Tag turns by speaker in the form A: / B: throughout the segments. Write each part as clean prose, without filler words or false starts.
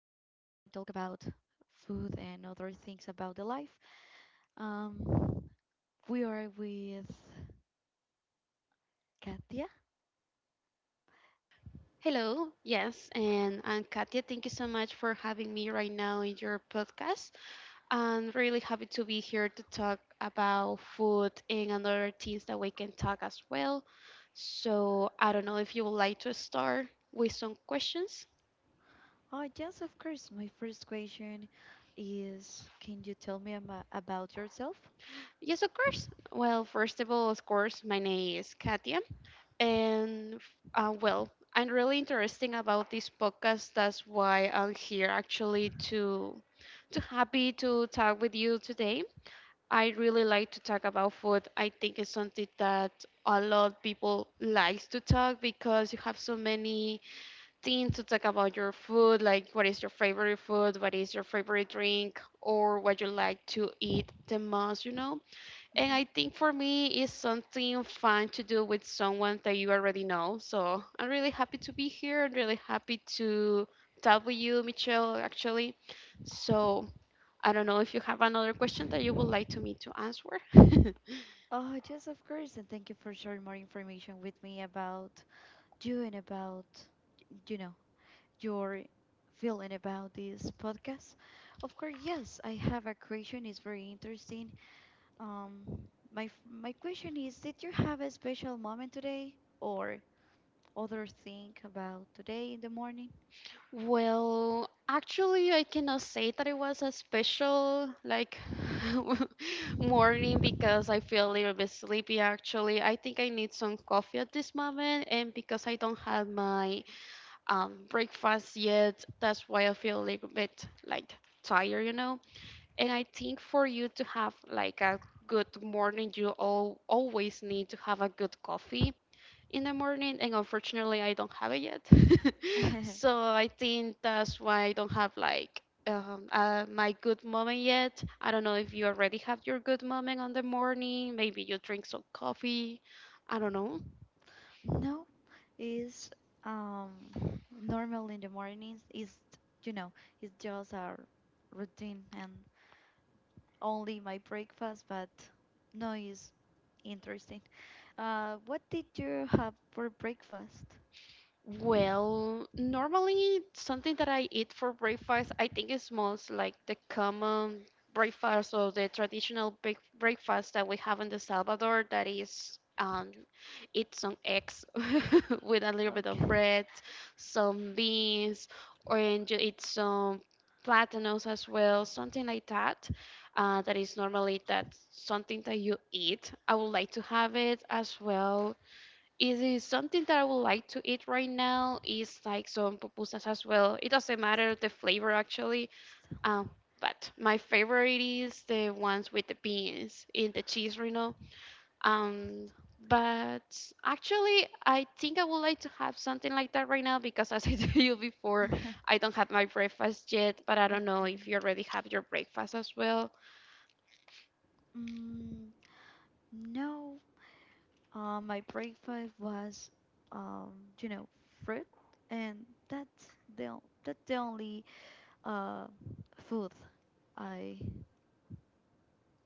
A: talk about food and other things about the life. Um, we are with Katia.
B: Hello, yes, and I'm Katia. Thank you so much for having me right now in your podcast. I'm really happy to be here to talk about food and other things that we can talk as well. So I don't know if you would like to start with some questions.
A: Oh, yes, of course. My first question is, can you tell me about yourself?
B: Yes, of course. Well, first of all, of course, my name is Katia, and well, I'm really interested about this podcast. That's why I'm here actually to too happy to talk with you today. I really like to talk about food. I think it's something that a lot of people likes to talk because you have so many things to talk about your food, like what is your favorite food, what is your favorite drink, or what you like to eat the most? And I
A: Hmm.
B: think for me it's something fun to do with someone that you already know. So I'm really happy to be here. I'm really happy to talk with you, Michelle, actually. So I don't know if you have another question that you would like to me to answer.
A: Oh, yes, of course. And thank you for sharing more information with me about you and about, you know, your feeling about this podcast. Of course, yes, I have a question. It's very interesting. Um, my question is, did you have a special moment today or other thing about today in the morning?
B: Well, actually, I cannot say that it was a special like morning because I feel a little bit sleepy actually. I think I need some coffee at this moment, and because I don't have my breakfast yet, that's why I feel a little bit like tired. And I think for you to have like a good morning, you all always need to have a good coffee in the morning, and unfortunately, I don't have it yet. So I think that's why I don't have like my good moment yet. I don't know if you already have your good moment on the morning. Maybe you drink some coffee. I don't know.
A: No, is um normal in the mornings is, you know, it's just our routine and only my breakfast, but no is interesting. What did you have for breakfast?
B: Well, normally something that I eat for breakfast, I think is most like the common breakfast or the traditional breakfast that we have in the Salvador. That is, eat some eggs with a little bit of
A: Okay.
B: bread, some beans, or and you eat some platanos as well, something like that. That is normally that something that you eat. I would like to have it as well. Is it something that I would like to eat right now? Is like some pupusas as well. It doesn't matter the flavor actually. Um,
A: Stanley.
B: but my favorite is the ones with the beans in the cheese. Um, but actually, I think I would like to have something like that right now because, as I told you before, I don't have my breakfast yet. But I don't know if
A: Okay.
B: you already have your breakfast as well.
A: Mm, no, my breakfast was, um, you know, fruit, and that's the on- that's the only uh food I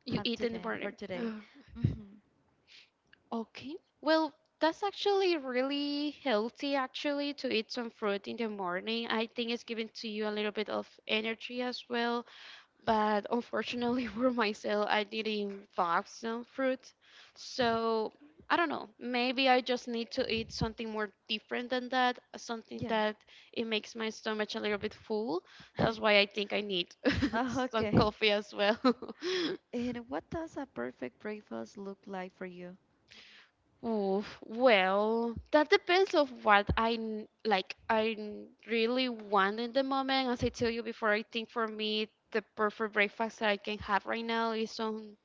B: You
A: have
B: eat in the
A: today for
B: morning.
A: today. Hmm.
B: Okay. Well, that's actually really healthy actually to eat some fruit in the morning. I think it's giving to you a little bit of energy as well. But unfortunately for myself, I didn't buy some fruit. So I don't know. Maybe I just need to eat something more different than that, something
A: Yeah.
B: that it makes my stomach a little bit full. That's why I think I need
A: Uh,
B: some
A: okay.
B: coffee as well.
A: And what does a perfect breakfast look like for you?
B: Oof, well, that depends of what like really want in the moment. As I tell you before, I think for me the perfect breakfast that I can have right now is some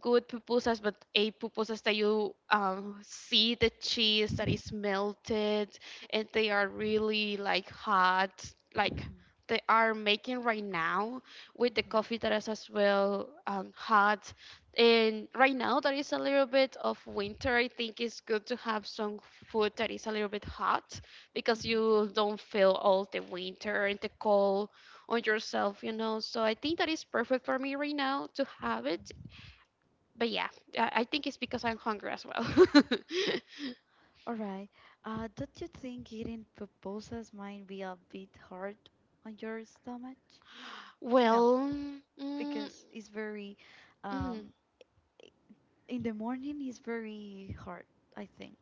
B: good pupusas, but a pupusas that you see the cheese that is melted and they are really like hot, like they are making right now with
A: Mhm,
B: the
A: mhm,
B: coffee that is as well hot. And right now there is a little bit of winter. I think it's good to have some food that is a little bit hot because
A: mhm,
B: you don't feel all the winter and the cold on yourself. So I think that is perfect for me right now to have it.
A: mhm.
B: But yeah, I think it's because I'm hungry as well.
A: All right. Don't you think eating pupusas might be a bit hard on your stomach? You know,
B: Well, mm,
A: because it's very,
B: mm,
A: um, in the morning is very hard, I think.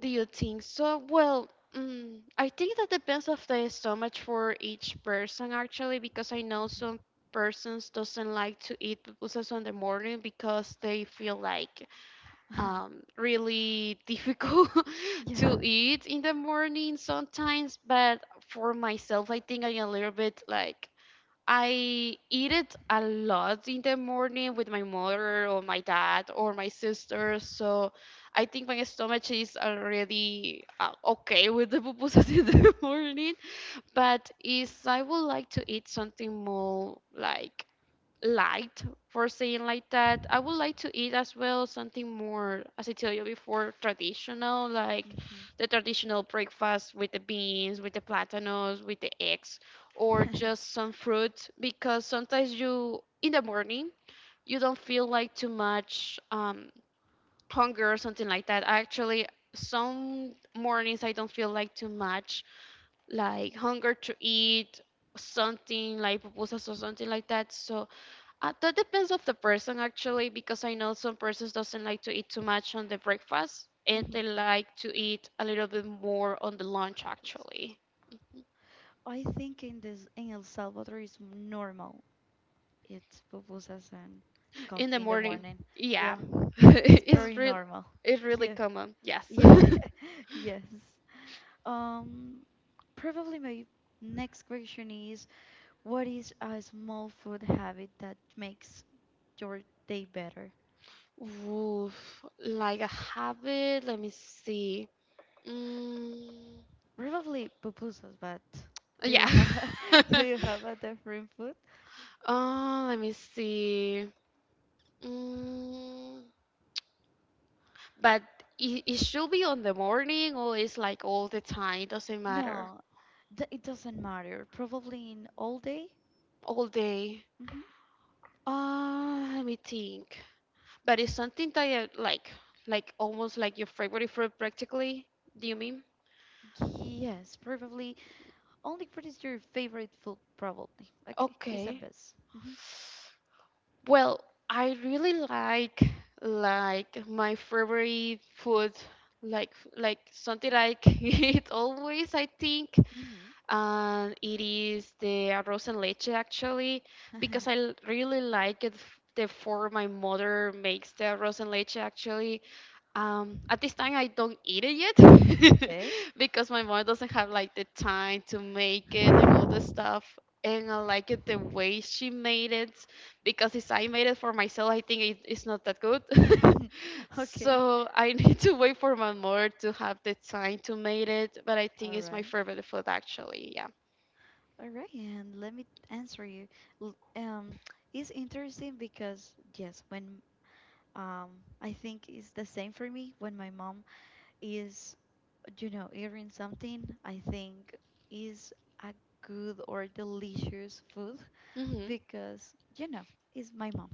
B: do you think so? Well, I think that depends of the stomach for each person actually, because I know some persons doesn't like to eat pupusas on the morning because they feel like
A: Hmm.
B: really difficult to
A: Yeah.
B: eat in the morning sometimes. But for myself, I think I'm a little bit like I eat it a lot in the morning with my mother or my dad or my sister. So I think my stomach is already okay with the pupusas in the morning. But is I would like to eat something more like light for saying like that. I would like to eat as well something more, as I tell you before, traditional, like
A: Hmm.
B: the traditional breakfast with the beans, with the platanos, with the eggs, or just some fruit because sometimes you in the morning you don't feel like too much hunger or something like that. Actually, some mornings I don't feel like too much like hunger to eat something like pupusas or something like that. So that depends of the person actually, because I know some persons doesn't like to eat too much on the breakfast, and
A: Hmm.
B: they like to eat a little bit more on the lunch actually.
A: I think in El Salvador is normal. It's pupusas and
B: In the
A: coffee in the
B: morning,
A: morning.
B: yeah,
A: Yeah, it's
B: it's
A: very
B: real,
A: normal.
B: it's really
A: Yeah,
B: common. Yes.
A: yeah, yes. Um, probably my next question is, what is a small food habit that makes your day better?
B: Oof, like a habit. Let me see. Mm,
A: Probably pupusas, but do you
B: yeah.
A: have do you have a different food?
B: Let me see. Mm, But it should be on the morning or it's like all the time, doesn't matter.
A: No, it doesn't matter. Probably in all day.
B: All day.
A: Hmm.
B: Let me think. But it's something that you like almost like your favorite food practically. Do you mean?
A: Yes, probably. Only what is your favorite food? Probably. Okay,
B: Okay.
A: Isabel's. Mm-hmm.
B: Well, I really like my favorite food, like like something I can eat always, I think.
A: Hmm.
B: And it is the arroz en leche actually
A: Hmm.
B: because really like the form my mother makes the arroz en leche actually, at this time, I don't eat it yet
A: Okay.
B: because my mom doesn't have like the time to make it and all the stuff. And I like it the way she made it because if I made it for myself, I think it's not that good.
A: Okay.
B: So I need to wait for my mom to have the time to make it. But I think
A: All
B: it's my
A: right.
B: favorite food actually. Yeah.
A: All right. And let me answer you. L- Um, it's interesting because yes, when I think it's the same for me when my mom is, eating something I think is a good or delicious food
B: Hmm.
A: because, it's my mom.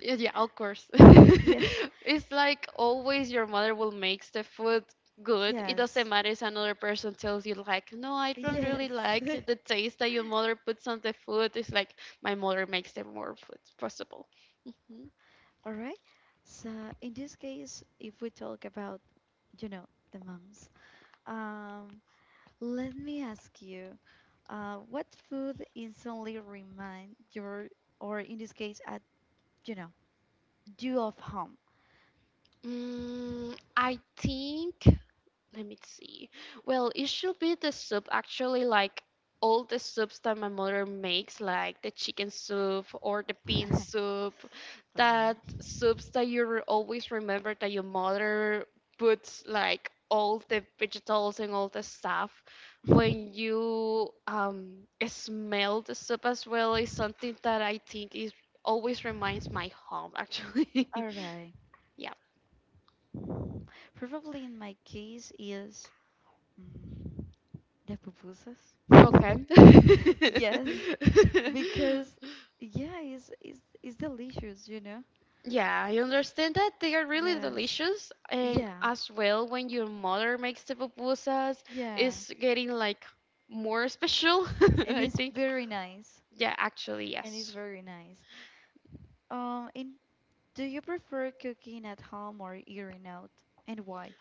B: Yeah, yeah, of course.
A: Yeah,
B: It's like always your mother will makes the food good. It doesn't
A: yes,
B: matter if another person tells you like, no, I don't really
A: yes.
B: like the taste that your mother puts on the food. It's like my mother makes the more food possible. Mm-hmm.
A: All right. So in this case, if we talk about, you know, the moms, um, let me ask you, what food instantly remind your, or in this case, at, you know, you of home?
B: I think. Let me see. Well, it should be the soup actually, like all the soups that my mother makes, like the chicken soup or the bean
A: All
B: soup, that
A: right.
B: soups that you always remember that your mother puts like all the vegetables and all the stuff. When you smell the soup as well is something that I think is always reminds my home actually.
A: All right. Probably in my case is mm, the pupusas.
B: Okay.
A: Yes, because yeah, it's delicious, you know.
B: Yeah, I understand that they are really
A: Yes.
B: delicious, and
A: Yeah.
B: as well when your mother makes the pupusas,
A: Yeah.
B: it's getting like more special.
A: And
B: I
A: it's
B: think.
A: very nice.
B: Yeah, actually,
A: And it's
B: yes.
A: very nice. And do you prefer cooking at home or eating out? And why?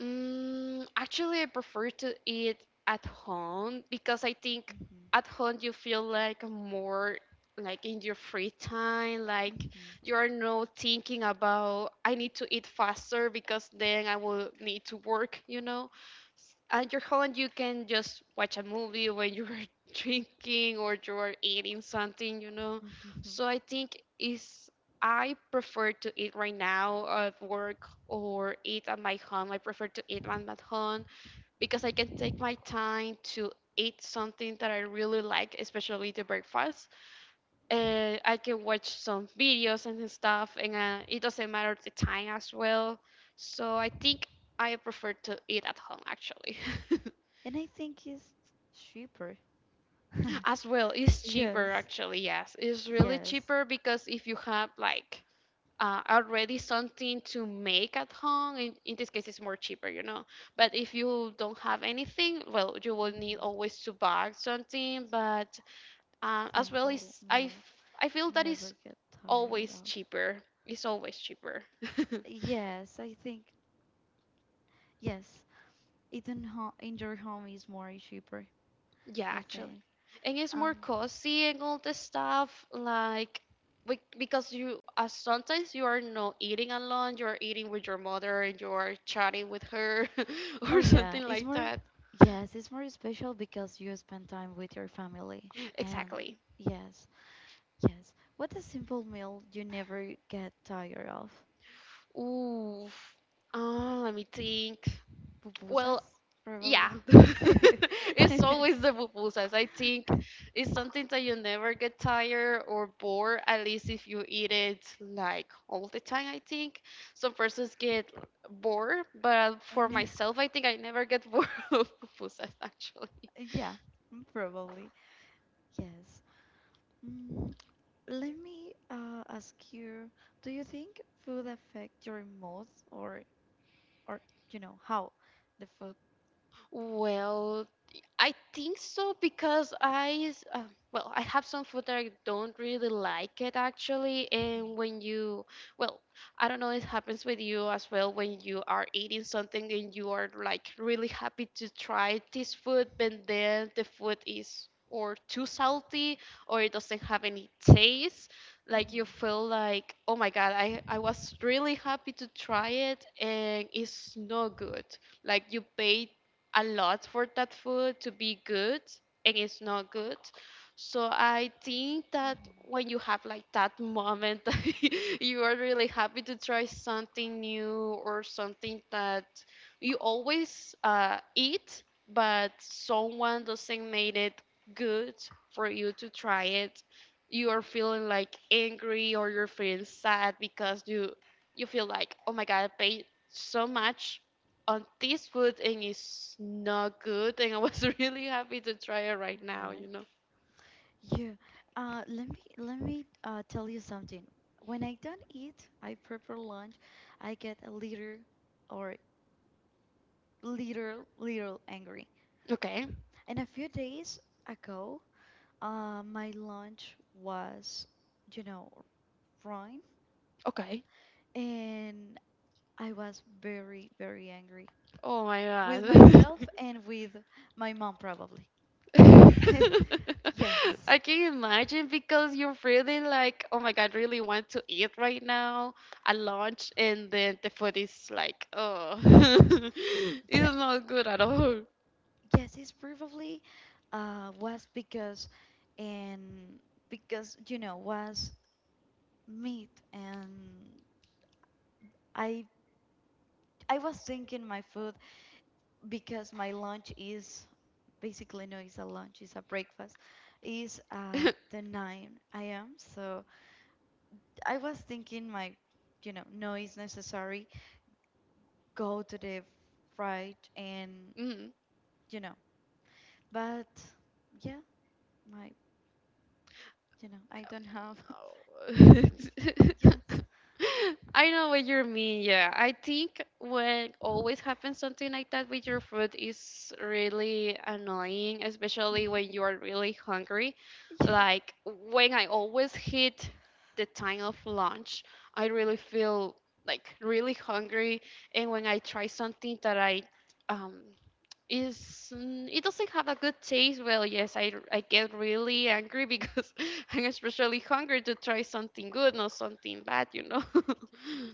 B: Actually, I prefer to eat at home because I think
A: Hmm.
B: at home you feel like more like in your free time, like
A: Hmm.
B: you are not thinking about I need to eat faster because then I will need to work. At your home, you can just watch a movie when you are drinking or you are eating something.
A: Hmm.
B: So I think it's I prefer to eat right now at work or eat at my home. I prefer to eat at my home because I can take my time to eat something that I really like, especially the breakfast. I can watch some videos and stuff, and it doesn't matter the time as well. So I think I prefer to eat at home actually.
A: And I think it's cheaper.
B: As well, it's cheaper
A: Yes.
B: actually, yes. It's really
A: Yes.
B: cheaper because if you have like already something to make at home. In this case, it's more cheaper. But if you don't have anything, well, you will need
A: Hmm.
B: always to buy something. But as well
A: Simple
B: as I,
A: meal
B: f- I feel
A: you
B: that is
A: never get tired
B: always
A: of.
B: cheaper. It's always cheaper.
A: Yes, I think yes. Eating ho in your home is more cheaper,
B: Yeah,
A: I
B: actually,
A: think.
B: and it's more
A: Um,
B: cozy and all the stuff like. Because sometimes you are not eating alone. You are eating with your mother, and you are chatting with her,
A: oh
B: or
A: yeah,
B: something
A: it's
B: like
A: more
B: that.
A: yes, it's more special because you spend time with your family. And
B: Exactly.
A: yes, yes. What a simple meal you never get tired of.
B: Ooh. Oh, let me think. Well,
A: Pupusas, probably.
B: yeah. It's always the pupusas. I think it's something that you never get tired or bored, at least if you eat it like all the time, I think. Some persons get bored, but for
A: And,
B: myself, I think I never get bored of pupusas actually.
A: yeah, probably. Yes. Mm, Let me ask you, do you think food affect your mood or how the food?
B: Well, I think so because well, I have some food that I don't really like it actually.
A: Mm-hmm,
B: And when you, well, I don't know, it happens with you as well when you are eating something and you are like really happy to try this food, but then the food is or too salty or it doesn't have any taste. Like
A: mm-hmm,
B: you feel like, oh my God, I was really happy to try it and it's not good like you paid a lot for that food to be good and it's not good. So I think that
A: mm-hmm.
B: when you have like that moment that you are really happy to try something new or something that you always eat, but someone doesn't make it good for you to try it, you are feeling like angry or you're feeling sad because you feel like, oh my God, I paid so much on this food and it's not good and I was really happy to try it right
A: All
B: now,
A: right.
B: you know.
A: Yeah. Let me tell you something. When I don't eat, I prepare lunch, I get a little or little angry.
B: Okay.
A: And a few days ago, my lunch was, you know, fine,
B: Okay.
A: and I was very, very angry
B: Oh my
A: with
B: God.
A: myself and with my mom, probably. Yes.
B: I can imagine because you're really like, oh my God, really want to eat right now at lunch and then the food is like, oh,
A: Yeah,
B: it's not good at all.
A: yes, it's probably was because and because was meat and I I was thinking my food because my lunch is basically no, it's a lunch, it's a breakfast, is at the 9 a.m. So I was thinking my, no is necessary go to the fried and,
B: Mhm.
A: you know but yeah my, I don't have.
B: No.
A: Yes.
B: I know what you mean. Yeah, I think when always happens something like that with your food is really annoying, especially when
A: Hmm.
B: you are really hungry.
A: Yes.
B: Like when I always hit the time of lunch, I really feel like really hungry, and when I try something that um it doesn't have a good taste, well, yes, I get really angry because I'm especially hungry to try something good, not something bad.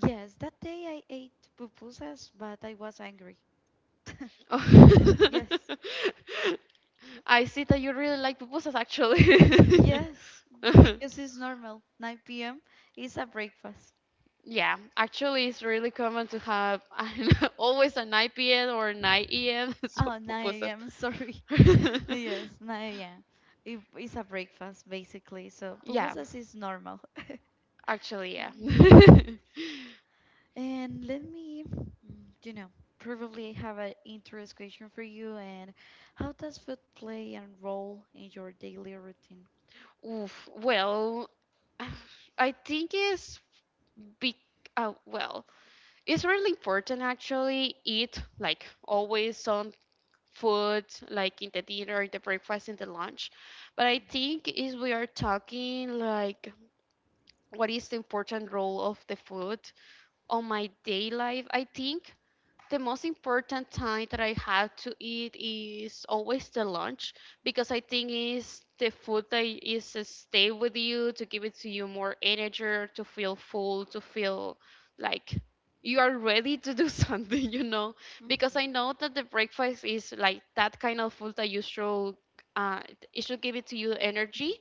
A: Yes, that day I ate pupusas but I was angry.
B: Oh.
A: Yes.
B: I see that you really like pupusas, actually.
A: Yes, because it's normal 9 p.m is a breakfast.
B: Yeah, actually, it's really common to have I don't know, always an IPN or an IEM.
A: Oh, 9
B: So
A: a.m, sorry.
B: pupusas.
A: Yes, 9 a.m, it, it's a breakfast basically, so
B: Yeah.
A: pupusas is normal.
B: Actually, yeah.
A: Yes. And let me, you know, probably have an interest question for you. And how does food play a role in your daily routine?
B: Oof, well, I think it's be well, it's really important actually eat like always some food like in the dinner, in the breakfast, in the lunch. But I think is we are talking like what is the important role of the food on my day life. I think the most important time that I have to eat is always the lunch because I think is the food that is to stay with you to give it to you more energy to feel full to feel like you are ready to do something. Because
A: Hmm.
B: I know that the breakfast is like that kind of food that you should uh, it should give it to you energy,
A: Hmm.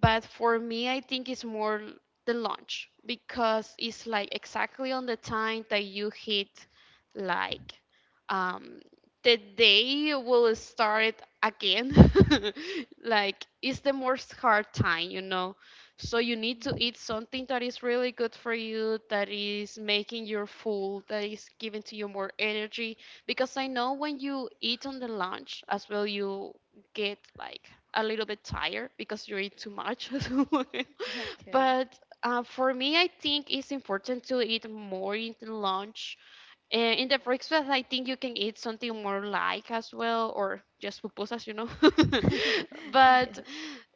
B: but for me, I think it's more the lunch because it's like exactly on the time that you hit like um the day will start again. Like it's the most hard time. So you need to
A: Hmm.
B: eat something that is really good for you, that is making you full, that is giving to you more energy. Because I know when you eat on the lunch as well, you get like a little bit tired because you eat too much.
A: Okay.
B: But for me, I think it's important to eat more in the lunch. And in the breakfast, I think you can eat something more light as well, or just pupusas.
A: Yes.
B: But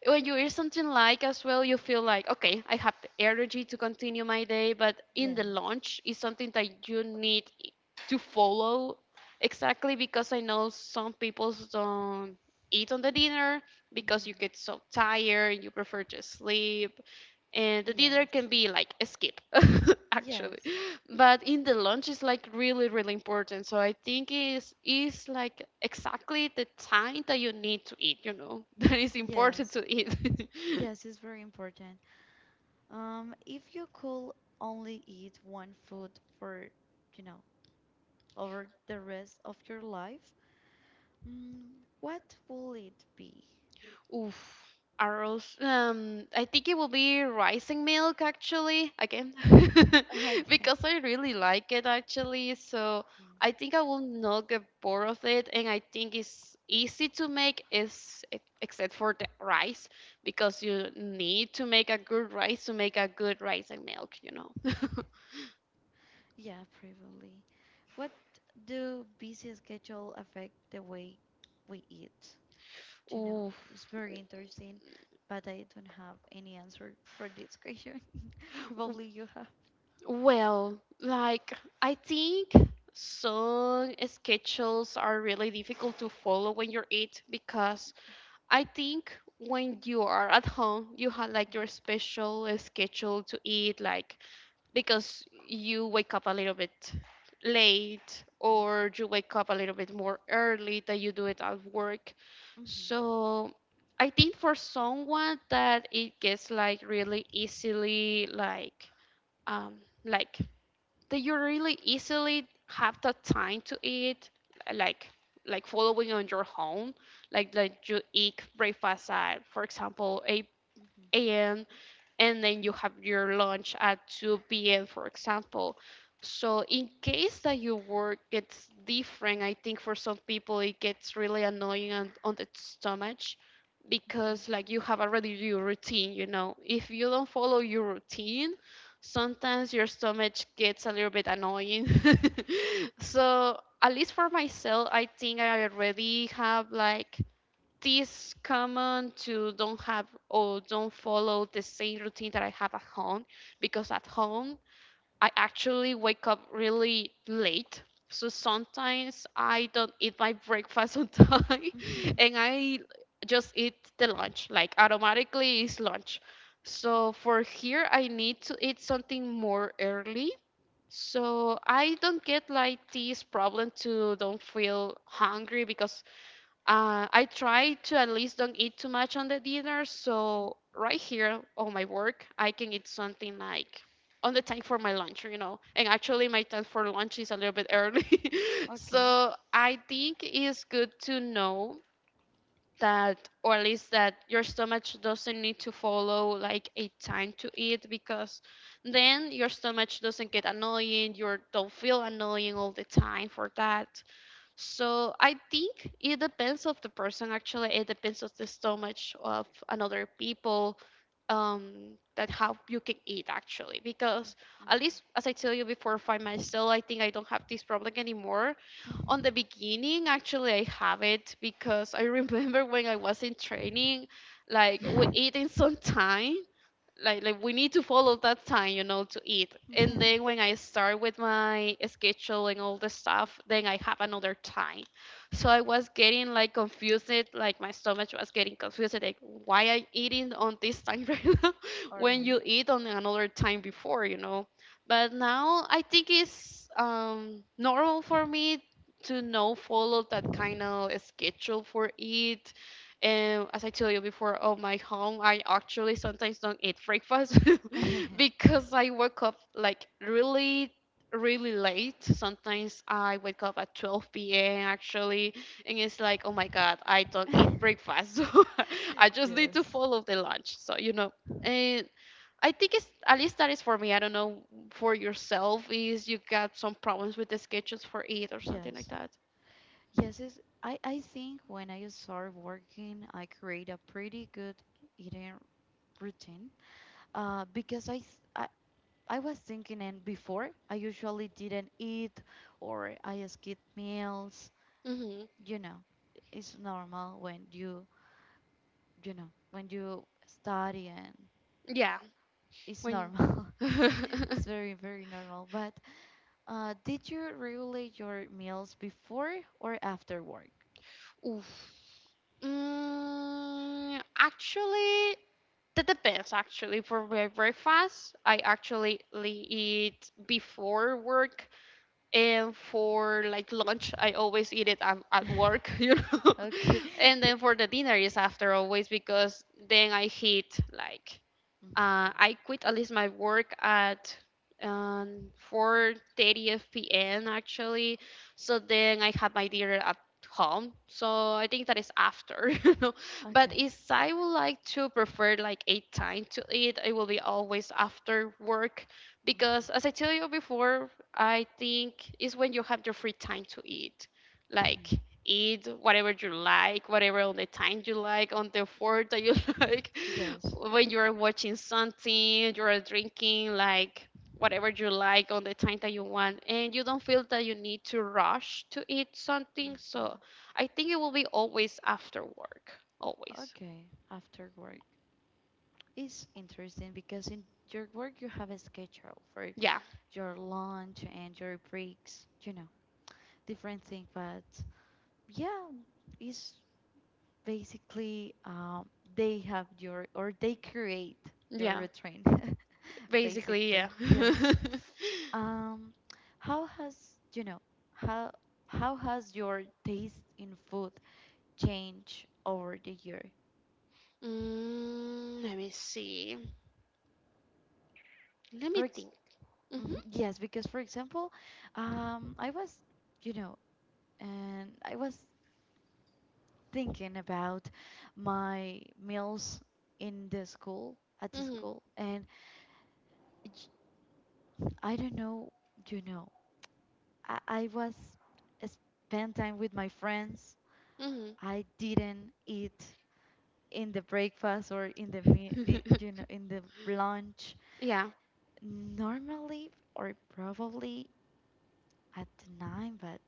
B: when you eat something light as well, you feel like, okay, I have the energy to continue my day. But in the
A: Yes.
B: lunch, it's something that you need to follow exactly because I know some people don't eat on the dinner because you
A: Hmm.
B: get so tired, you prefer to sleep, and the dinner can
A: Yes.
B: be like a skip, actually.
A: Yes.
B: But in the lunch is like really, really important. So I think is like exactly the time that you need to eat. You know that is important to
A: Yes.
B: eat.
A: Yes, it's very important. If you could only eat one food for, you know, over the rest of your life, what will it be?
B: Oof. Arrows. I think it will be rising milk actually again,
A: Okay.
B: because I really like it actually. So
A: Mm.
B: I think I will not get bored of it, and I think it's easy to make, is except for the rice, because you need to make a good rice to make a good rising milk. You know.
A: Yeah, probably. What do busy schedule affect the way we eat? Do You know,
B: Oof.
A: it's very interesting, but I don't have any answer for this question. Probably you have.
B: Well, like I think some schedules are really difficult to follow when you're eight because I think when you are at home, you have like your
A: Mhm,
B: special schedule to eat, like because you wake up a little bit late or you wake up a little bit more early than you do it at work.
A: mhm,
B: So I think for someone that it gets like really easily um like that you really easily have the time to eat like like following on your home like you eat breakfast at, for example, 8
A: mhm,
B: a.m. and then you have your lunch at 2 p.m., for example. So, in case that your work gets different, I think for some people it gets really annoying on the stomach
A: mhm,
B: because, like, you have already your routine. If you don't follow your routine, sometimes your stomach gets a little bit annoying. So, at least for myself, I think I already have, like, this common to don't have or don't follow the same routine that I have at home because at home I actually wake up really late. So sometimes I don't eat my breakfast on time
A: mhm,
B: and I just eat the lunch. Like automatically it's lunch. So for here I need to eat something more early so I don't get like this problem to don't feel hungry because I try to at least don't eat too much on the dinner.
A: mhm.
B: So right here on my work, I can eat something like on the time for my lunch. And actually, my time for lunch is a little bit early.
A: Okay.
B: So I think it's good to know that, or at least that your stomach doesn't need to follow like a time to eat because then your stomach doesn't get annoying. You don't feel annoying all the time for that. So I think it depends of the person actually. It depends of the stomach of another people that how you can eat actually because at least as I tell you before for myself I think I don't have this problem anymore. On the beginning actually I have it because I remember when I was in training like we eating sometimes like we need to follow that time to eat, and
A: Mm-hmm.
B: then when I start with my schedule and all the stuff, then I have another time, so I was getting like confused, like my stomach was getting confused, like why I eating on this time right now
A: All
B: when you
A: right.
B: eat on another time before. But now I think it's normal for me to no follow that kind of schedule for it, and as I told you before, on my home, I actually sometimes don't eat breakfast because I wake up like really, really late. Sometimes I wake up at 12 p.m. actually, and it's like, oh my God, I don't eat breakfast. So I just need to
A: Yes.
B: follow the lunch. So, and I think it's at least that is for me. I don't know for yourself is you got some problems with the schedules for eat or something like
A: Yes.
B: that.
A: Yes, it's, I think when I start working, I create a pretty good eating routine, because I, I I was thinking and before I usually didn't eat or I skipped meals.
B: Hmm.
A: You know, it's normal when you know when you study and
B: Yeah.
A: it's
B: When.
A: normal. It's very very normal. But did you regulate your meals before or after work?
B: Oof. Actually, that depends. Actually, for my breakfast, I actually eat before work, and for like lunch, I always eat it at work, you know.
A: Okay.
B: and then for the dinner is after always because then I hit like
A: Mm,
B: I quit at least my work at 4:30 p.m. actually. So then I had my dinner at home. So I think that is after. But
A: okay.
B: if I would like to prefer like a time to eat, it will be always after work
A: Mhm,
B: because as I tell you before, I think it's when you have your free time to eat. Like
A: mhm.
B: eat whatever you like, whatever on the time you like, on the fork that you like,
A: Yes.
B: when you are watching something, you are drinking like whatever you like on the time that you want, and you don't feel that you need to rush to eat something. So
A: Mhm.
B: I think it will be always after work, always.
A: Okay, after work. It's interesting because in your work you have a schedule for
B: Yeah,
A: your lunch and your breaks, you know, different thing, but yeah, it's basically they have your or they create your
B: yeah,
A: routine
B: basically, yeah.
A: basically. Yes. Um how has, you know, how how has your taste in food changed over the year?
B: Let me see. Let me
A: For ex
B: think.
A: Mhm. Yes, because for example, I was, you know, and I was thinking about my meals in the school, at the
B: Mhm,
A: school, and j- I don't know, you know, I was spend time with my friends.
B: mhm,
A: I didn't eat in the breakfast or in the meal,
B: mhm.
A: you know, in the lunch
B: Yeah.
A: normally or probably at nine, but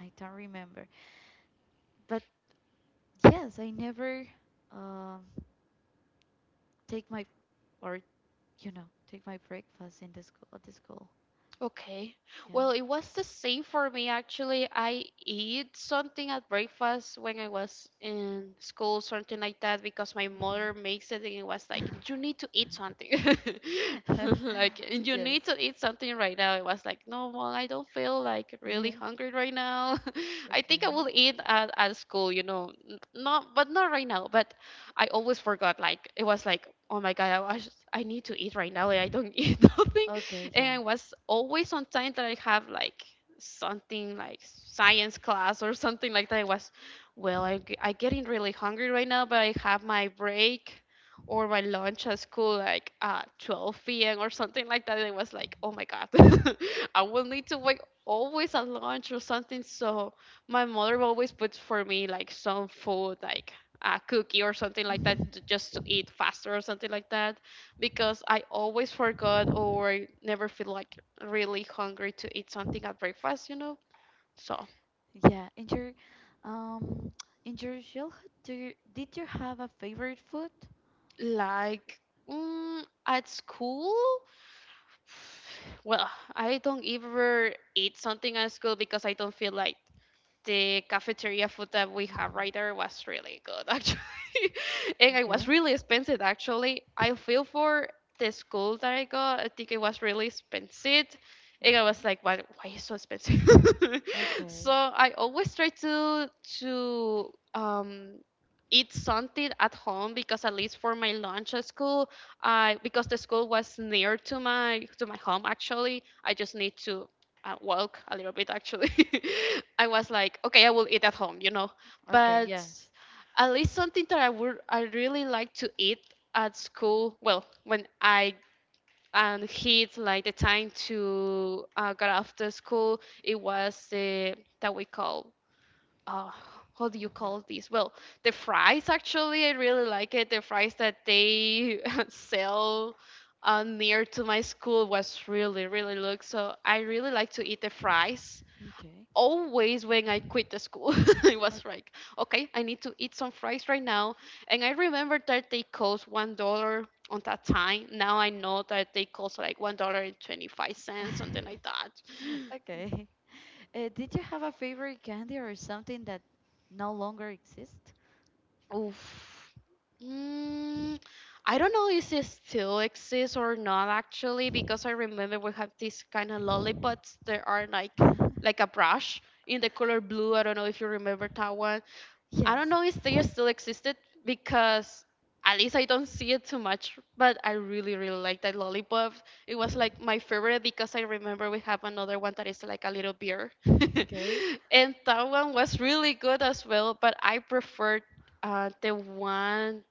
A: I don't remember. But yes, I never um take my or, take my breakfast in the school at the school.
B: Okay.
A: Yeah.
B: Well, it was the same for me actually. I eat something at breakfast when I was in school, something like that, because my mother makes it and it was like,
A: Hmm.
B: you need to eat something. Like, you
A: Yes.
B: need to eat something right now. It was like, no, mom, I don't feel like really
A: Yeah.
B: hungry right now. I think I
A: Okay.
B: will eat at school, you know, not, but not right now. But I always forgot, like, it was like, oh my God, I need to eat right now, and I don't eat nothing,
A: Okay.
B: and
A: Yeah.
B: I was always on time that I have like something like science class or something like that. I was, well, I getting really hungry right now, but I have my break or my lunch at school like at 12 p.m. or something like that. And I was like, oh my God, I will need to wake always at lunch or something. So my mother always puts for me like some food like a cookie or something like
A: Hmm.
B: that to, just to eat faster or something like that, because I always forgot or never feel like really hungry to eat something at breakfast, you know? So,
A: Yeah. In your, um in your childhood, did you have a favorite food?
B: like, at school, well, I don't ever eat something at school because I don't feel like the cafeteria food that we had
A: Hmm.
B: right there was really good actually. And it was
A: Okay.
B: really expensive actually. I feel for the school that I got, I think it was really expensive. And I was
A: Hmm.
B: like, why is it so expensive?
A: Okay.
B: So I always try to um eat something at home, because at least for my lunch at school I, because the school was near to my home actually, I just need to walk a little bit actually. I was like, okay, I will eat at home, you know,
A: Okay.
B: but
A: Yes.
B: at least something that I would I really like to eat at school. Well, when I hit like the time to get after school, it was the that we call uh what do you
A: Hmm.
B: call this? Well, the fries actually, I really like it. The fries that they sell near to my school was really, really good. So I really like to eat the fries.
A: Okay.
B: Always when I quit the school, it was like, okay, I need to eat some fries right now. And I remember that they cost $1 on that time. Now I know that they cost like $1.25, something like that.
A: Okay. Did you have a favorite candy or something that no longer exists?
B: Oof. Mm, I don't know if it still exists or not actually, because I remember we have these kind of lollipops that are like like a brush in the color blue. I don't know if you remember that one. I don't
A: Yes.
B: know if they still existed because at least I don't see it too much, but I really, really like that lollipop. It was
A: Mhm.
B: like my favorite, because I remember we have another one that is like a little beer.
A: Okay.
B: And that one was really good as well, but I preferred the one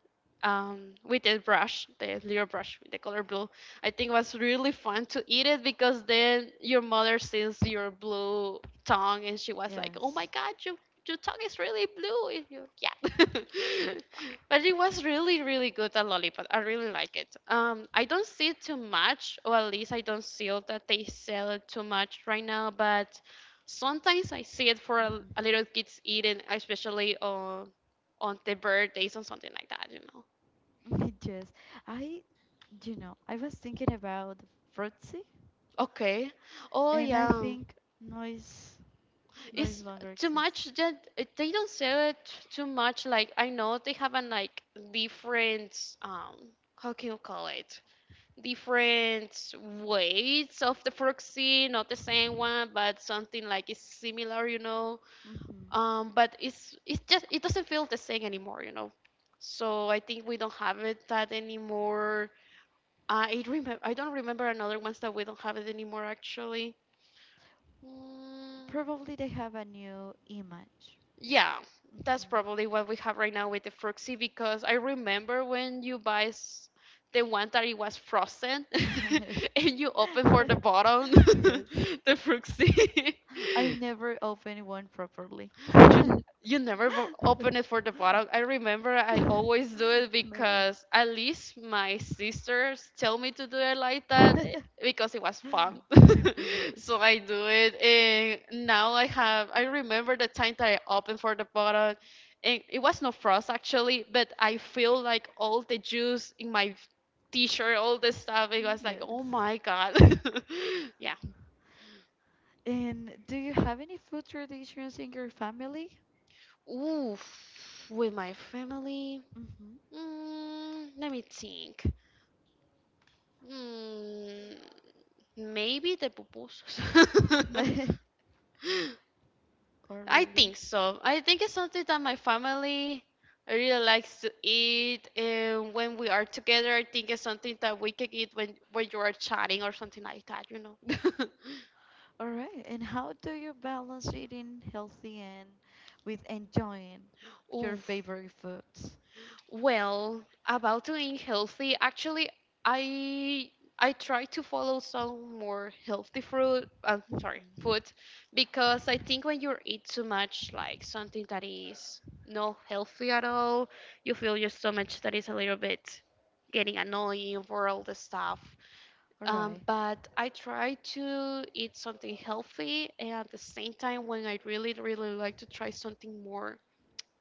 B: with the brush, the little brush with the color blue. I think it was really fun to eat it because then your mother sees your blue tongue, and she was like, oh my
A: Yes.
B: God, your tongue is really blue. If you- Yeah. But it was really, really good, that lollipop. I really like it. I don't see it too much, or at least I don't see it that they sell it too much right now, but sometimes I see it for a,
A: Hmm.
B: a little kids eating, especially on their birthdays or something like that, you know.
A: Yes. I, I was thinking about Fruitsy,
B: Okay. Oh
A: and I
B: yeah.
A: think noise, noise
B: It's
A: longer
B: too
A: exists.
B: much that they don't sell it too much. Like I know they have an like different how can you call it? Different weights of the proxy, not the same one, but something like it's similar, you know.
A: Hmm.
B: But it's just it doesn't feel the same anymore, you know. So I think we don't have it that anymore. I don't remember another ones that we don't have it anymore actually. Mm,
A: Probably they have a new image.
B: yeah, that's probably what we have right now with the Fruxy, because I remember when you buy the one that it was frozen
A: Hmm.
B: and you open for the bottom,
A: Yes.
B: the Fruxy.
A: I never open one properly.
B: You never open it for the bottle. I remember I always do it
A: Never.
B: because at least my sisters tell me to do it like that, because it was fun. So
A: Yes.
B: I do it, and now I have. I remember the time that I opened for the bottle, and it was no frost actually, but I feel like all the juice in my t-shirt, all the stuff. It was like, oh my God. Yeah.
A: And do you have any food traditions in your family?
B: Oof, with my family. Let me think. Mm, Maybe the pupusas.
A: Mm-hmm. Or
B: I
A: really?
B: think so. I think it's something that my family really likes to eat. And when we are together, I think it's something that we can eat when you are chatting or something like that, you know.
A: All right. And how do you balance eating healthy and with enjoying
B: Ooh,
A: your favorite foods?
B: well, about doing healthy, actually, I I try to follow some more healthy fruit. Sorry,
A: Mhm.
B: food, because I think when you eat too much, like something that is not healthy at all, you feel your stomach that is a little bit getting annoying for all the stuff.
A: All right.
B: But I try to eat something healthy, and at the same time, when I really, really like to try something more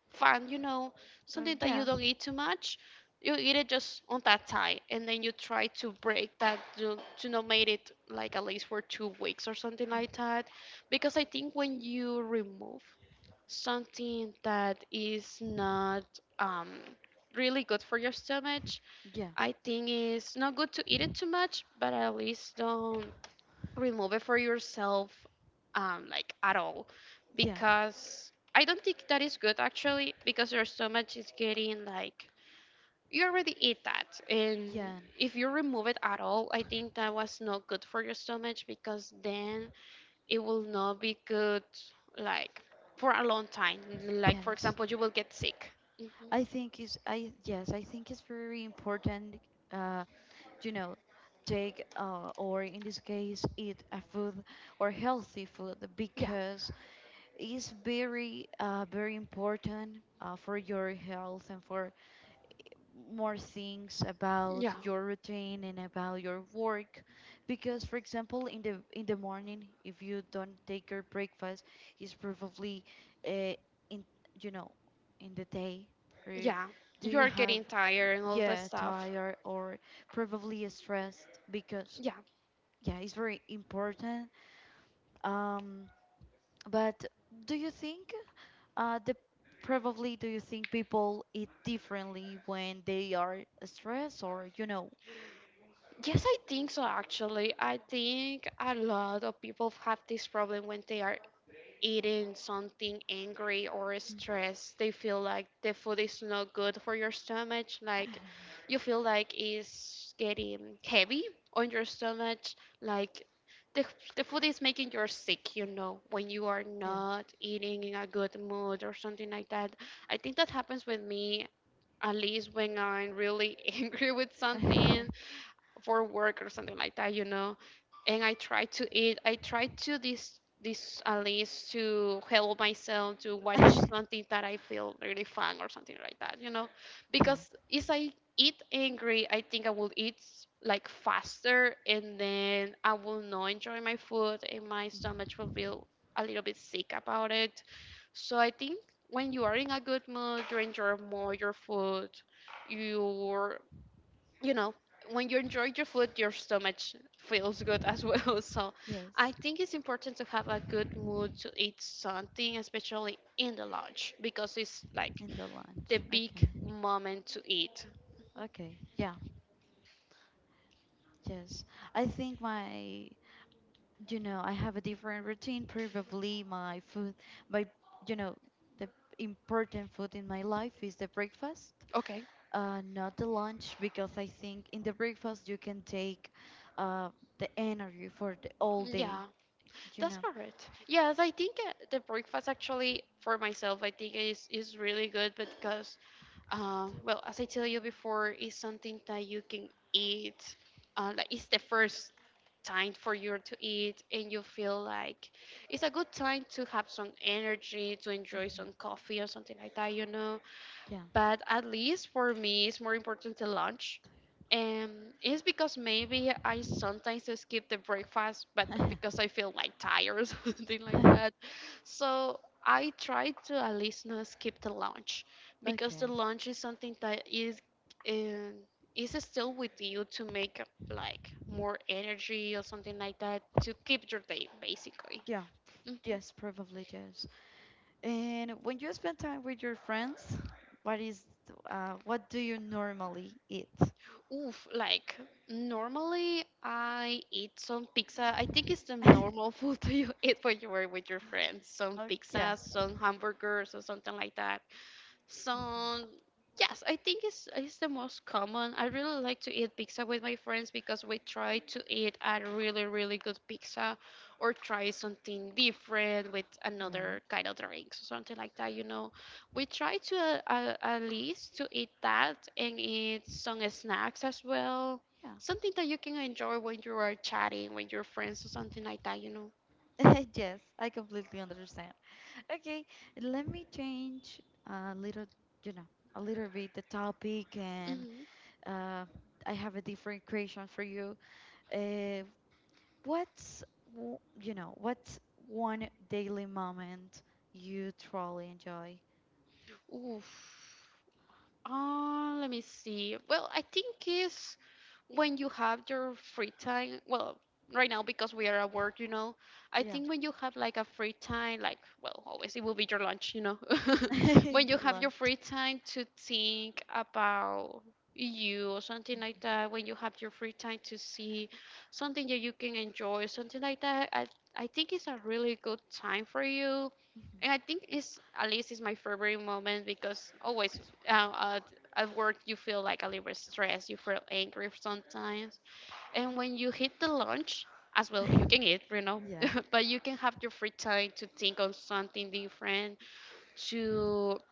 B: find, you know,
A: Uh,
B: something that
A: yeah.
B: you don't eat too much. You eat it just on that time, and then you try to break that to not make it like at least for 2 weeks or something
A: Mm.
B: like that. Because I think when you remove something that is not um, really good for your stomach,
A: Yeah.
B: I think it's not good to eat it too much, but at least don't remove it for yourself like at all,
A: Yeah.
B: because I don't think that is good actually. Because there's so much is getting like you already eat that, and
A: Yeah.
B: if you remove it at all, I think that was not good for your stomach, because then it will not be good like for a long time,
A: and
B: like for
A: Yes,
B: example you will get sick. Hmm.
A: I think it's I yes, I think it's very important uh you know take, or in this case eat a food or healthy food
B: Yeah,
A: because is very, very important, for your health and for more things
B: yeah,
A: about your routine and about your work because for example in the morning if you don't take your breakfast it's probably, uh, in you know in the day or
B: yeah,
A: do
B: you are
A: you have
B: getting tired and all that
A: yeah
B: stuff.
A: tired or probably stressed because
B: Yeah.
A: yeah it's very important. um but do you think, the probably do you think people eat differently when they are stressed or, you know?
B: Yes, I think so actually. I think a lot of people have this problem when they are eating something angry or stressed. They feel like the food is not good for your stomach, like you feel like it's getting heavy on your stomach, like the, the food is making you sick, you know, when you are
A: Yeah.
B: not eating in a good mood or something like that. I think that happens with me at least when I'm really angry with
A: Yeah.
B: something for work or something like that, you know. And I try to eat. I try to this at least to help myself to watch something that I feel really fun or something like that, you know. Because if I eat angry, I think I will eat like faster, and then I will not enjoy my food, and my stomach
A: Mhm.
B: will feel a little bit sick about it. So I think when you are in a good mood, you enjoy more your food. You you know, when you enjoy your food, your stomach feels good as well. So I
A: Yes.
B: think it's important to have a good mood to eat something, especially in the lunch, because it's like
A: In the lunch.
B: the big
A: Okay.
B: moment to eat.
A: Okay. Yeah. Yes. I think my, I have a different routine. Probably my food my, you know, the important food in my life is the breakfast.
B: Okay.
A: Not the lunch because I think in the breakfast you can take, uh, the energy for the all day,
B: Yeah.
A: you
B: That's
A: know.
B: correct. Yes, I think the breakfast actually for myself, I think is really good because,
A: Just put that
B: well, as I tell you before, it's something that you can eat. Like it's the first time for you to eat, and you feel like it's a good time to have some energy, to
A: with-
B: enjoy some coffee or something like that, you know.
A: hmm.
B: But at least for me, it's more important the lunch, and it's because maybe I sometimes skip the breakfast, but because I feel like tired or something like
A: Yeah.
B: that. So I try to at least not skip the lunch, because
A: Okay.
B: the lunch is something that um, is still with you to make like more energy or something like that to keep your day basically.
A: Yeah.
B: Hmm.
A: Yes, probably yes. And when you spend time with your friends, what do you normally eat?
B: Oof, like normally I eat some pizza. I think it's the normal food that you eat when you were with your friends. Some
A: Oh, yeah.
B: pizza, some hamburgers, or something like that.
A: Mhm.
B: So yes, I think it's the most common. I really like to eat pizza with my friends because we try to eat a really, really good pizza, or try something different with
A: Right.
B: another kind of drinks or something like that. You know, we try to at least to eat that and eat some snacks as well.
A: Yeah.
B: Something that you can enjoy when you are chatting with your friends or something like that. You know.
A: Yes, I completely understand. Okay, let me change a little, you know, a little bit the topic, and,
B: Hmm.
A: uh, I have a different question for you. Uh, what's, what's one daily moment you truly enjoy?
B: Oof. Let me see. Well, I think is when you have your free time. Well, right now because we are at work, you know. I
A: Yeah,
B: think when you have like a free time, like well, always it will be your lunch, you know.
A: in
B: When
A: your
B: you have
A: life.
B: your free time to think about you or
A: Hmm.
B: something like that. When you have your free time to see something that you can enjoy, something like that. I think it's a really good time for you. And I
A: Hmm.
B: think it's at least it's my favorite moment because always um, at, at work you feel like a little bit stressed, you feel angry sometimes, and when you hit the lunch as well you can eat, you know,
A: Yeah.
B: but you can have your free time to think on something different to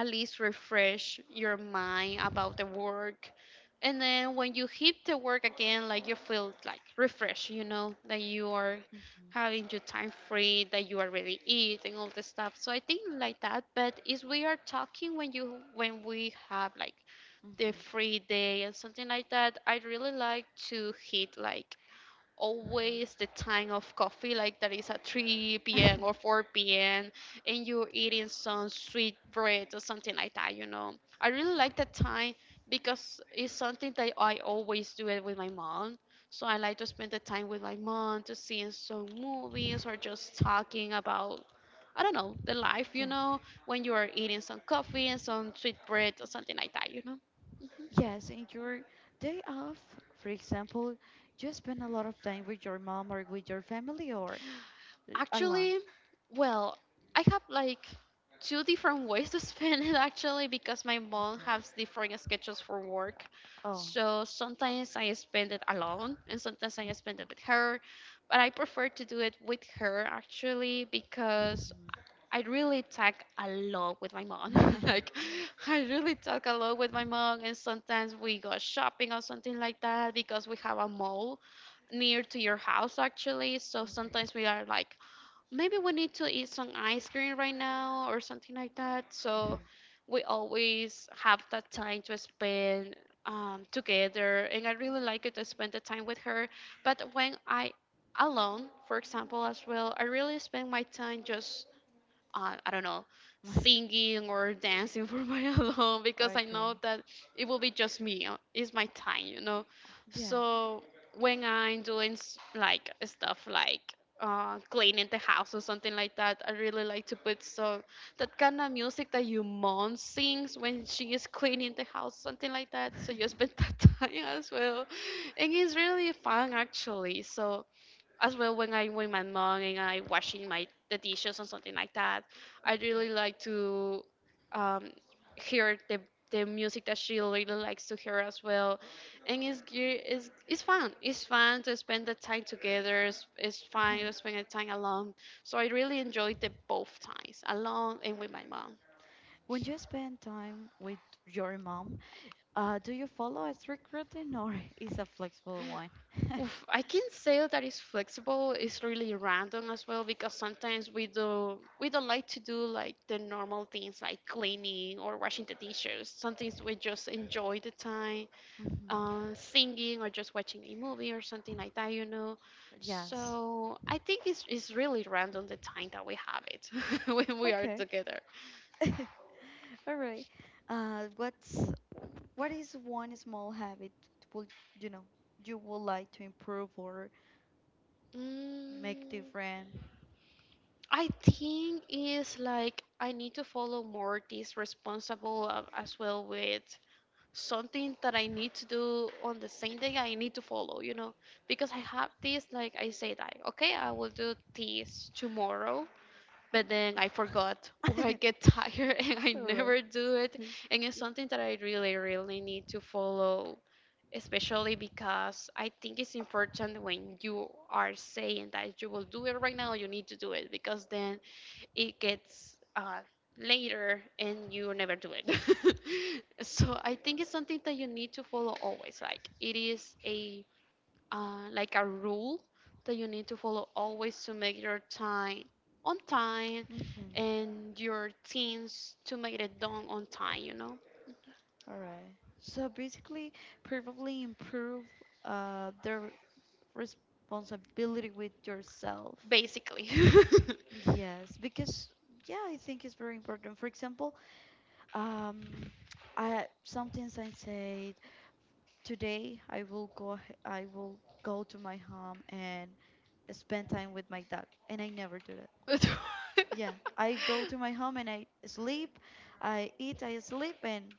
B: at least refresh your mind about the work. And then when you hit the work again, like you feel like refreshed, you know, that you are
A: Hmm.
B: having your time free, that you already eat and all the stuff. So I think like that. But is we are talking when you when we have like the
A: Hmm.
B: free day and something like that, I really like to hit like always the time of coffee, like that is at 3 p.m. or 4 p.m., and you're eating some sweet bread or something like that, you know. I really like that time because it's something that I always do it with my mom. So I like to spend the time with my mom to seeing some movies or just talking about, I don't know, the life,
A: Yeah.
B: you know, when you are eating some coffee and some sweet bread or something like that, you know.
A: Yes, in your day off, for example, you spend a lot of time with your mom or with your family or, alone.
B: Actually, well, I have like two different ways to spend it actually because my mom
A: Mhm.
B: has different schedules for work.
A: Oh.
B: So sometimes I spend it alone and sometimes I spend
A: Mhm.
B: it with her, but I prefer to do it with her actually because
A: Mhm.
B: I really talk a lot with my mom. Like I really talk a lot with my mom, and sometimes we go shopping or something like that because we have a mall near to your house actually. So
A: Mhm.
B: sometimes we are like, maybe we need to eat some ice cream right now or something like that.
A: Mhm.
B: So we always have that time to spend together, and I really like it to spend the time with her. But when I alone, for example, as well, I really spend my time just I don't know, singing or dancing for my alone because I know
A: Okay.
B: that it will be just me. It's my time, you know.
A: Yeah.
B: So when I'm doing like stuff like cleaning the house or something like that, I really like to put so that kind of music that your mom sings when she is cleaning the house, something like that. So you spend that time as well, and it's really fun actually. So as well when I'm with my mom and I washing my the dishes or something like that, I really like to um, hear the music that she really likes to hear as well, and it's fun. It's fun to spend the time together. It's fun to spend the time alone. So I really enjoyed the both times alone and with my mom.
A: When you spend time with your mom, do you follow a strict routine or is a flexible one?
B: Oof, I can say that it's flexible. It's really random as well because sometimes we don't like to do like the normal things like cleaning or washing the dishes. Sometimes we just enjoy the time,
A: Mhm.
B: singing or just watching a movie or something like that, you know. So
A: Yes.
B: I think it's really random the time that we have it when we are
A: Okay.
B: together.
A: All right. Uh, what's what is one small habit would, you know you would like to improve or make
B: Mm,
A: different?
B: I think is like I need to follow more this responsible as well with something that I need to do on the same day, I need to follow, you know, because I have this, like I say, like, okay, I will do this tomorrow, but then I forgot or I get tired and I
A: All right.
B: never do it. And it's something that I really, really need to follow, especially because I think it's important when you are saying that you will do it right now, you need to do it because then it gets later and you never do it. So I think it's something that you need to follow always. Like it is a like a rule that you need to follow always to make your time on time
A: Mhm.
B: and your things to make it done on time, you know,
A: All right. So basically, probably improve, their responsibility with yourself.
B: basically.
A: Yes, because yeah, I think it's very important. For example, um, I sometimes I said today I will go I will go to my home and spend time with my dog, and I never do that. Yeah, I go to my home and I sleep, I eat, I sleep, and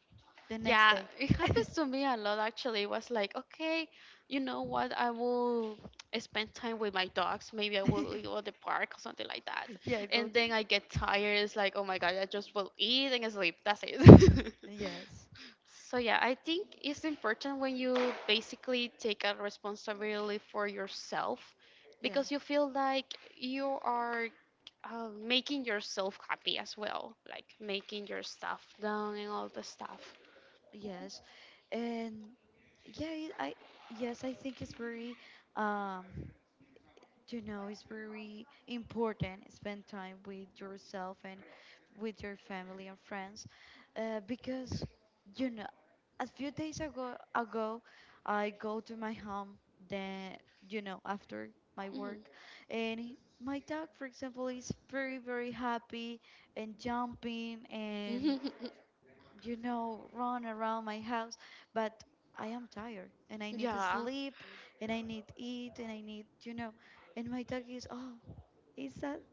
A: the next
B: Yeah,
A: day.
B: it happens to me a lot actually. It was like, okay, you know what? I will spend time with my dogs. Maybe I will go to the park or something like that.
A: Yeah, go
B: And
A: to.
B: then I get tired. It's like, oh my God, I just will eat and sleep. That's it.
A: Yes.
B: So yeah, I think it's important when you basically take a responsibility for yourself
A: Yeah,
B: because you feel like you are making yourself happy as well, like making your stuff done and all the stuff.
A: yes. And yeah, I yes, I think it's um very important spend time with yourself and with your family and friends, because you know a few days ago I go to my home, then after my
B: Mhm.
A: work, and my dog, for example, is very very happy and jumping and run around my house, but I am tired and I need to
B: Yeah.
A: sleep and I need eat and I need and my dog is, is that,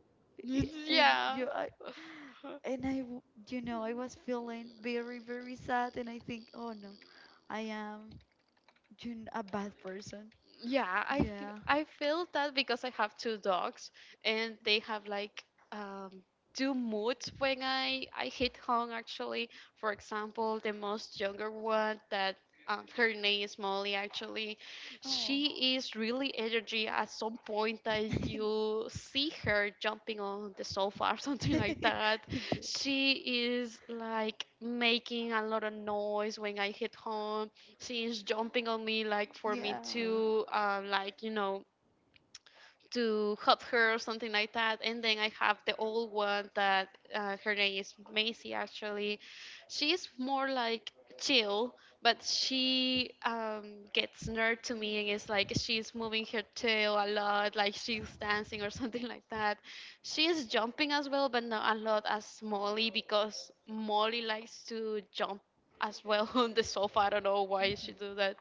A: and
B: Yeah.
A: you, I, and I, w- I was feeling very, very sad and I think, oh no, I am a bad person.
B: Yeah, i feel
A: Yeah.
B: i feel that because I have two dogs and they have like um two moods when I hit home. Actually, for example, the most younger one that her name is Molly actually,
A: Oh.
B: she is really energy at some point that you see her jumping on the sofa or something like that.
A: Yes.
B: She is like making a lot of noise when I hit home, she is jumping on me like for me
A: Yeah.
B: to like, you know, to help her or something like that. And then I have the old one that her name is Macy actually. She's more like chill, but she gets nerd to me and it's like she's moving her tail a lot, like she's dancing or something like that. She is jumping as well, but not a lot as Molly because Molly likes to jump as well on the sofa. I don't know why she do
A: Hmm.
B: that,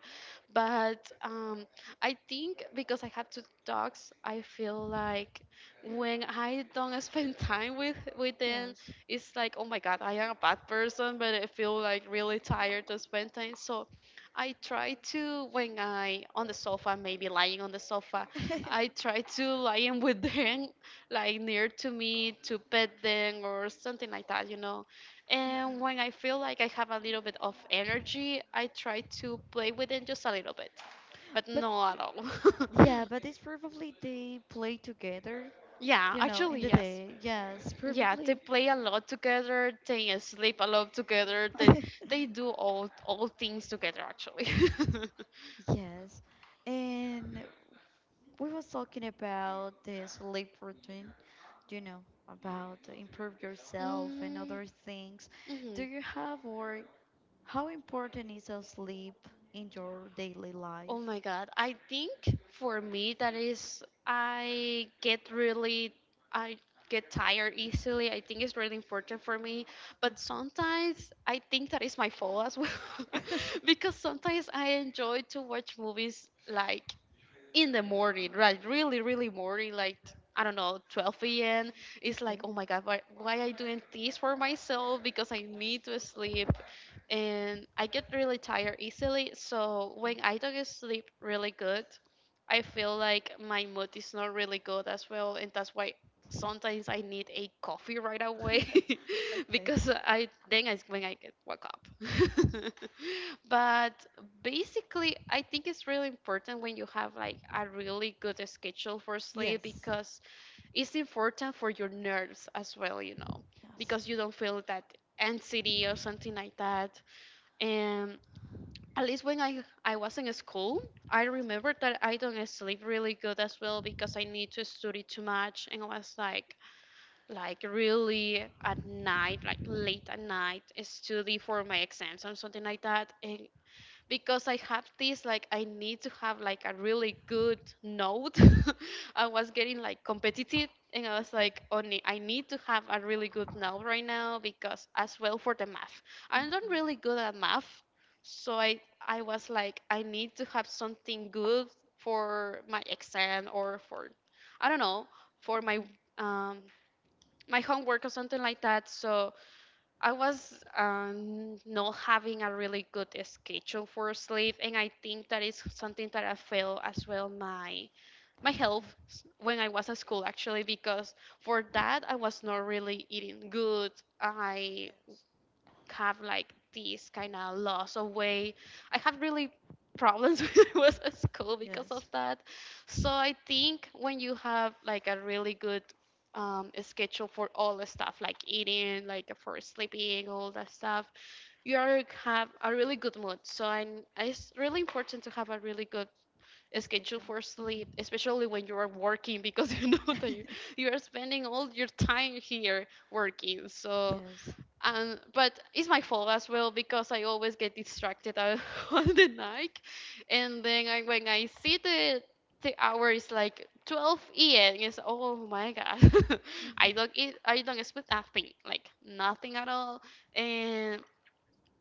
B: but I think because I have two dogs, I feel like when I don't spend time with them,
A: Yes.
B: it's like, oh my God, I am a bad person, but I feel like really tired to spend time. So I try to when I on the sofa, maybe lying on the sofa, I try to lying with them, like near to me to pet them or something like that, you know.
A: Mhm.
B: And when I feel like I have a little bit of energy, I try to play with them just a little bit but not at all.
A: Yeah, but it's probably they play together
B: Yeah,
A: in
B: actually,
A: the
B: yes.
A: day. Yes,
B: Yeah, they
A: probably.
B: play a lot together. They sleep a lot together. They they do all things together actually.
A: Yes. And we was talking about the sleep routine, you know, about improve yourself and
B: Mm-hmm.
A: other things. Do you have, or how important is a sleep in your daily
B: Oh
A: life?
B: my God. I think for me that is I get tired easily. I think it's really important for me, but
A: Hmm.
B: sometimes I think that is my fault as well because sometimes I enjoy to watch movies like in the morning, right? Really, really morning, like I don't know, 12 a.m. It's like,
A: Okay.
B: oh my God, why I doing this for myself? Because I need to sleep, and I get really tired easily. So
A: Yeah.
B: when I don't sleep really good, I feel like my mood is not really good as well, and that's why sometimes I need a coffee right away
A: Okay.
B: because I then I when I get woke up. But basically, I think it's really important when you have like a really good schedule for sleep
A: Yes.
B: because it's important for your nerves as well, you know,
A: Yes.
B: because you don't feel that anxiety or something like that. And at least when I was in school, I remember that I don't sleep really good as well because I need to study too much and I was like really at night, like late at night, study for my exams or something like that. And because I have this, like I need to have like a really good note. I was getting like competitive, and I was
A: Okay.
B: like, only I need to have a really good note right now because as well for the math, I'm not
A: Hmm.
B: really good at math, so I was like, I need to have something good for my exam or for, I don't know, for
A: Hmm.
B: my
A: Hmm.
B: um, my homework or something like that. So I was not having a really good schedule for sleep, and I think that is something that I feel as well my health when I was at school actually because for that I was not really eating good. I
A: Yes.
B: have like this kind of loss of weight. I have really problems when I was at school because of
A: Yes.
B: that. So I think when you have like a really good schedule for all the stuff like eating, like for sleeping, all that stuff, you are have a really good mood. So it's really important to have a really good
A: A
B: schedule
A: schedule.
B: for sleep,
A: Hmm.
B: especially when you are working because you know that you are spending all your time here working. So
A: Yes.
B: and but it's my fault as well because I always get distracted out on the night, and then when I see the hour is like 12 a.m. It's, oh my god, I
A: Hmm.
B: don't eat, I don't sleep nothing, like nothing at all, and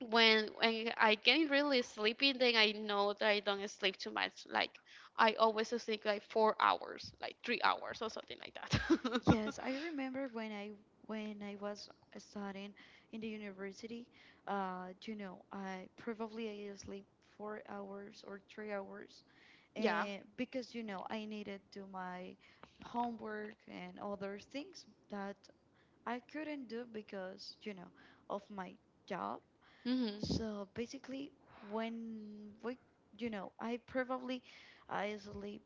B: when I get really sleepy, then I know that I don't sleep too much. Like I always sleep like 4 hours, like 3 hours or something like that.
A: Yes, I remember when I was studying in the university, I probably I sleep 4 hours or 3 hours,
B: Yeah.
A: and because I needed to my homework and other things that I couldn't do because of my job.
B: Mhm.
A: So basically, when we, you know, I probably I sleep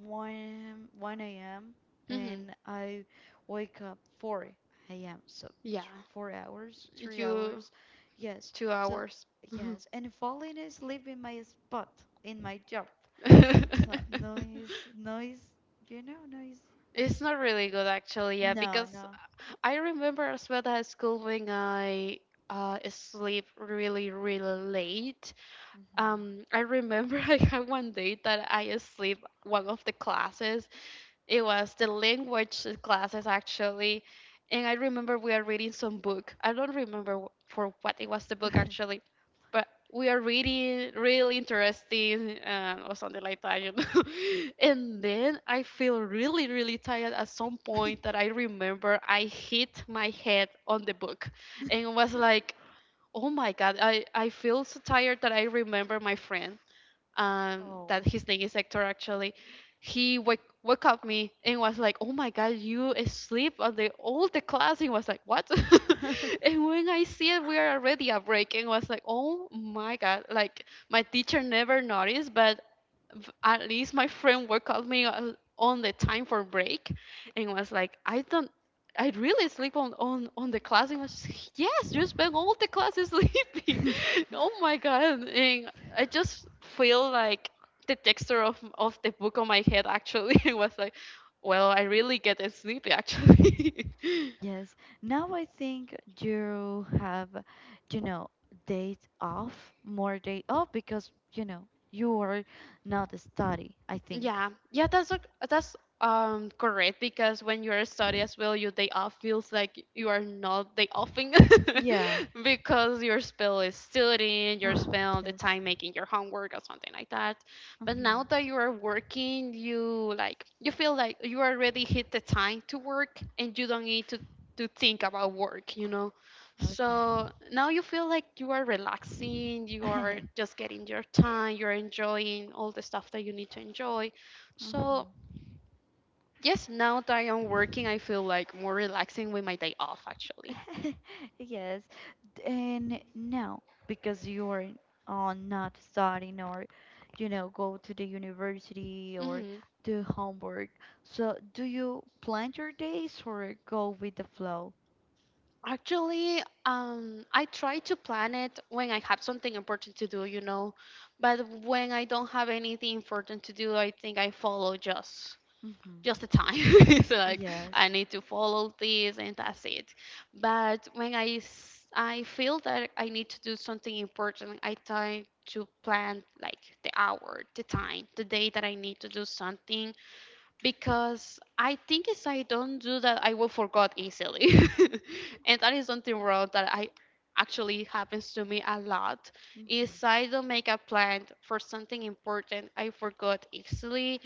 A: 1 a.m.
B: Mhm.
A: and I wake up 4 a.m. So
B: Yeah.
A: 4 hours, three
B: You
A: hours. Yes.
B: two
A: So
B: hours.
A: yes, and falling asleep in my spot in my job. It's not noise, noise. You know, noise.
B: It's not really good actually, yeah,
A: No,
B: because
A: no.
B: I remember as well that at school when I sleep really really late. I remember I had one day that I sleep one of the classes. It was the language classes actually, and I remember we are reading some book. I don't remember for what it was the book
A: Hmm.
B: actually, but we are reading really interesting or something like that, you know. And then I feel really really tired at some point that I remember I hit my head on the book, and was like, oh my god, I feel so tired that I remember my friend
A: oh.
B: that his name is Hector actually, he woke up me and was like, "Oh my God, you sleep on the all the class." And was like, "What?" And when I see it, we are already at break, and was like, "Oh my God!" Like my teacher never noticed, but at least my friend woke up me on the time for break, and was like, "I don't. I really sleep on the class." And I was just like, "Yes, you spend all the classes sleeping. Oh my god!" And I just feel like the texture of the book on my head actually. Was like, well, I really get sleepy actually.
A: Yes, now I think you have, you know, days off, more day off because you are not study, I think.
B: Yeah, yeah, that's correct because when you're a study as well, your day off feels like you are not day offing
A: Yeah.
B: because your spell is studying, your
A: Ah,
B: spell the
A: yes.
B: time making your homework or something like that. But
A: Hmm.
B: now that you are working, you like you feel like you already hit the time to work and you don't need to think about work, you know.
A: Okay.
B: So now you feel like you are relaxing, you are just getting your time, you're enjoying all the stuff that you need to enjoy. So,
A: Mhm.
B: yes, now that I am working, I feel like more relaxing with my day off actually.
A: Yes. And now, because you're not studying or go to the university or
B: Hmm.
A: do homework, so do you plan your days or go with the flow?
B: Actually, I try to plan it when I have something important to do, you know, but when I don't have anything important to do, I think I follow just
A: Mm-hmm.
B: just the time. It's like I
A: Yes.
B: need to follow this and that's it. But when I feel that I need to do something important, I try to plan like the hour, the time, the day that I need to do something because I think if I don't do that, I will forget easily, and that is something wrong that I actually happens to me a lot.
A: Mm-hmm.
B: Is I don't make a plan for something important, I forgot easily,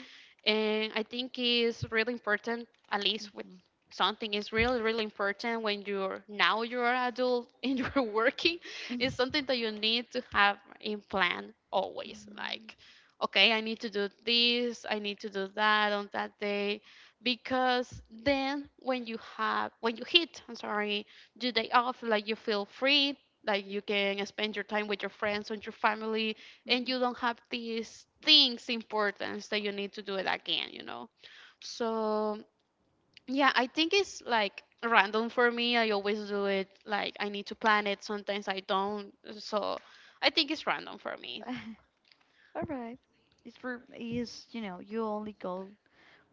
B: and I think it's really important. At least with
A: Mm-hmm.
B: something is really really important when you're now you're an adult and you're working. It's something that you need to have in plan always,
A: Mm-hmm.
B: like okay, I need to do this, I need to do that on that day, because then when you hit, I'm sorry, your day off, like you feel free, like you can spend your time with your friends and your family, and
A: Mm-hmm.
B: you don't have these things importance that you need to do it again, you know. So yeah, I think it's like random for me. I always do it like I need to plan it. Sometimes I don't. So I think it's random for me.
A: All right. It's for is you know you only go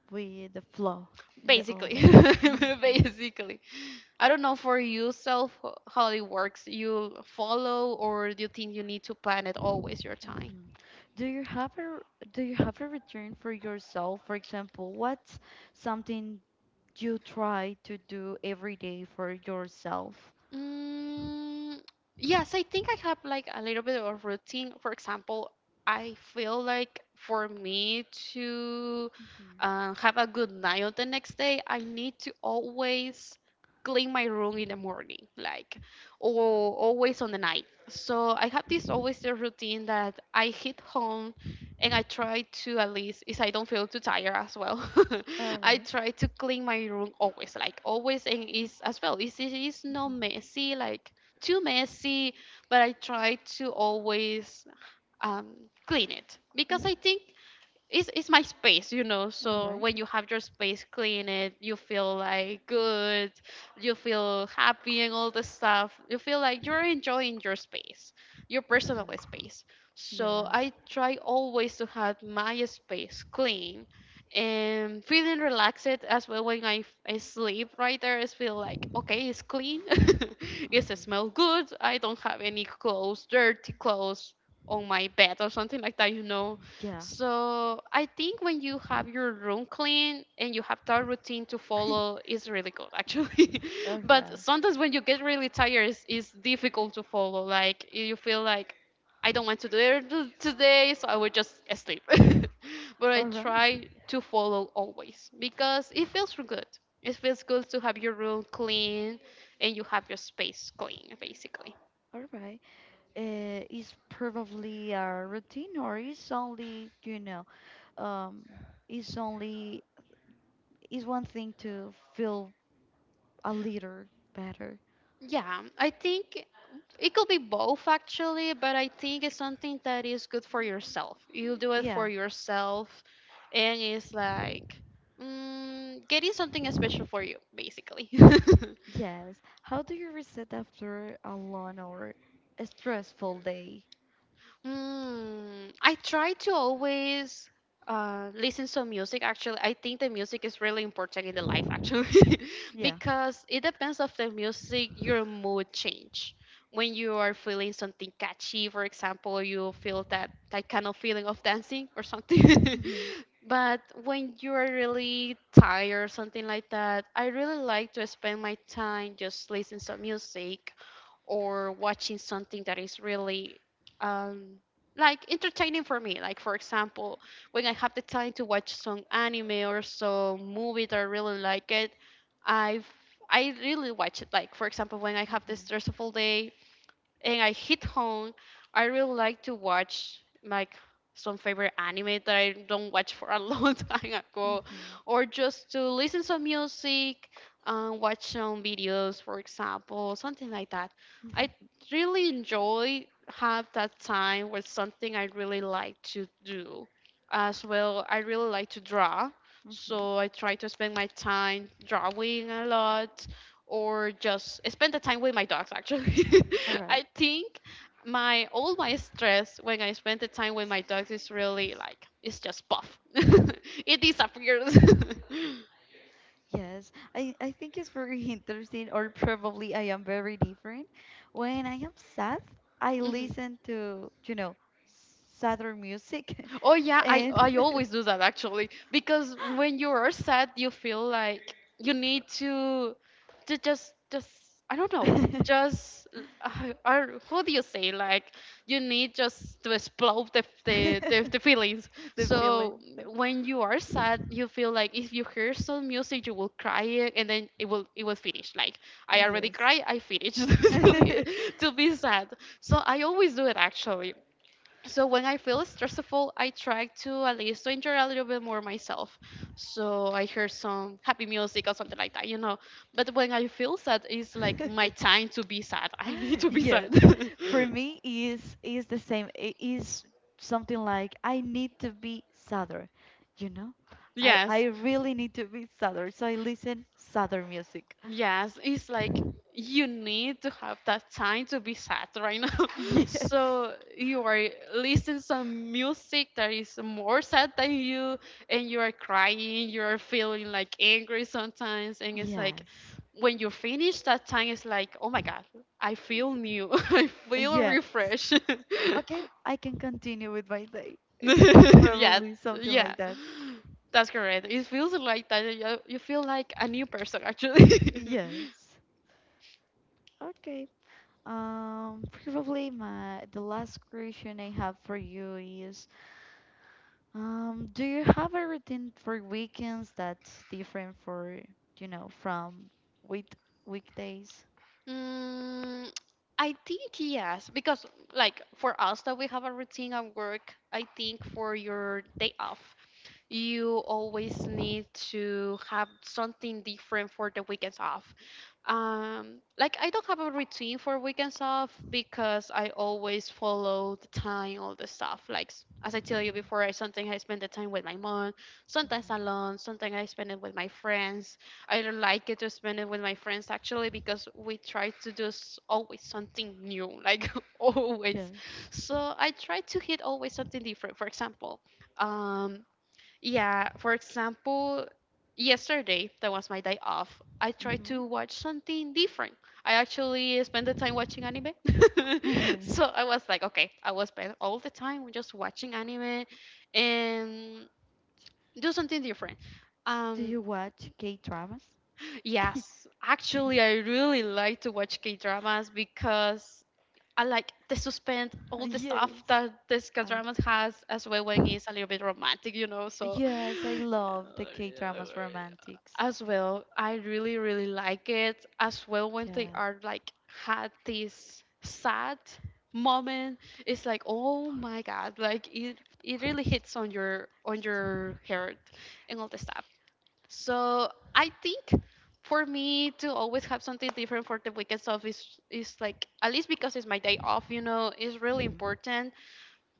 A: with the flow in the all
B: Basically,
A: day. Mm-hmm.
B: basically. I don't know for yourself how it works. You follow, or do you think you need to plan it always your time?
A: Mm-hmm. Do you have a do you have a return for yourself? For example, what's something you try to do every day for yourself?
B: Mm, yes, I think I have like a little bit of routine. For example, I feel like for me to
A: Mm-hmm.
B: have a good night on the next day, I need to always clean my room in the morning, like, or always on the night. So I have this always the routine that I hit home and I try to at least if I don't feel too tired as well.
A: All
B: I
A: right.
B: try to clean my room always, like always, and it's as well. It is not
A: Mm-hmm.
B: messy, like too messy, but I try to always um, clean it
A: Mm-hmm.
B: because I think it's my space, you know.
A: All
B: So
A: right.
B: when you have your space clean, it you feel like good, you feel happy and all this stuff. You feel like you're enjoying your space, your personal
A: Mm-hmm.
B: space. So
A: Yes.
B: I try always to have my space clean and feeling relaxed as well when I sleep right there. I feel like, okay, it's clean,
A: Mm-hmm.
B: it smells good. I don't have any clothes, dirty clothes on my bed or something like that, you know,
A: Yeah.
B: so I think when you have your room clean and you have that routine to follow, it's really good actually.
A: All
B: But
A: right.
B: sometimes when you get really tired, it's difficult to follow. Like you feel like I don't want to do it today, so I will just sleep. But I
A: All right.
B: try to follow always because it feels good. It feels good to have your room clean and you have your space clean, basically.
A: All right. Is probably a routine, or is only, you know, um, is only, is one thing to feel a little better.
B: Yeah, I think it could be both actually, but I think it's something that is good for yourself. You do it for
A: Yeah,
B: yourself, and it's like, mm, getting something special for you, basically.
A: yes. How do you reset after a long or a stressful day?
B: Mm, I try to always listen to music. Actually, I think the music is really important in the life. Actually,
A: Yeah.
B: because it depends of the music, your mood change. When you are feeling something catchy, for example, you feel that that kind of feeling of dancing or something.
A: Mm-hmm.
B: But when you are really tired, something like that, I really like to spend my time just listening to music or watching something that is really um like entertaining for me, like for example when I have the time to watch some anime or some movie that I really like it, i've I really watch it. Like for example when I have this
A: Mm-hmm.
B: stressful day and I hit home, I really like to watch like some favorite anime that I don't watch for a long time ago,
A: Mm-hmm.
B: or just to listen some music, watch some videos, for example, something like that. I really enjoy have that time with something I really like to do. As well, I really like to draw,
A: Mm-hmm.
B: so I try to spend my time drawing a lot or just spend the time with my dogs actually.
A: All
B: I
A: right.
B: think my all my stress when I spend the time with my dogs is really like, it's just puff, it disappears.
A: Yes, I think it's very interesting, or probably I am very different. When I am sad, I
B: Mhm.
A: listen to sadder music
B: Oh yeah, I
A: and
B: always do that actually because when you are sad, you feel like you need to just I don't know,
A: the
B: just or how do you say, like you need just to explode the feelings.
A: feeling.
B: So when you are sad, you feel like if you hear some music, you will cry it, and then it will finish. Like I already
A: Yes.
B: cry, I finished to be to be sad. So I always do it actually, so when I feel stressful, I try to at least to enjoy a little bit more myself. So I hear some happy music or something like that, you know. But when I feel sad, it's like my time to be sad. I need to be
A: Yes.
B: sad.
A: For me is the same. It is something like I need to be sadder, you know? I
B: Yes.
A: really need to be sadder, so I listen sadder music.
B: Yes, it's like you need to have that time to be sad right now.
A: Yes.
B: So you are listening some music that is more sad than you, and you are crying, you are feeling like angry sometimes, and it's like
A: Yes.
B: when you finish that time, it's like, oh my god, I feel new, I feel
A: Yes.
B: refreshed.
A: Okay, I can continue with my day. It's
B: Yeah,
A: probably something
B: yeah,
A: like that.
B: that's correct. It feels like that you feel like a new person actually.
A: Yes. Okay. Probably my the last question I have for you is do you have a routine for weekends that's different from week weekdays?
B: Mm, I think yes, because like for us that we have a routine at work, I think for your day off, you always need to have something different for the weekends off. Like I don't have a routine for weekends off because I always follow the time, all the stuff. Like as I tell you
A: Mhm,
B: before, I sometimes I spend the time with my mom,
A: mhm.
B: sometimes alone, sometimes I spend it with my friends. I don't like it to spend it with my friends actually because we try to do always something new, like always.
A: Yes.
B: So I try to hit always something different. For example, um, yeah, for example, yesterday, that was my day off, I tried
A: Hmm.
B: to watch something different. I actually spent the time watching anime. So I was like, okay, I will spend all the time just watching anime and do something different.
A: Do
B: Um,
A: you watch K-dramas?
B: Yes, actually, I really like to watch K dramas because I like the suspense, all the stuff
A: Yes.
B: that this K dramas has, as well when it's a little bit romantic, you know. So,
A: Yes, I love the K dramas romantics.
B: as well, I really, really like it. As well when they
A: Yes.
B: are like had this sad moment, it's like, oh
A: All
B: my
A: right, I'll
B: god,
A: get
B: like it
A: rid of
B: really
A: this
B: hits on your
A: for
B: on
A: next
B: your
A: time.
B: heart
A: Thank
B: and all the stuff. So I think for me to always have something different for the weekends off is like at least because it's my day off, you know, is
A: you.
B: really
A: Mhm,
B: important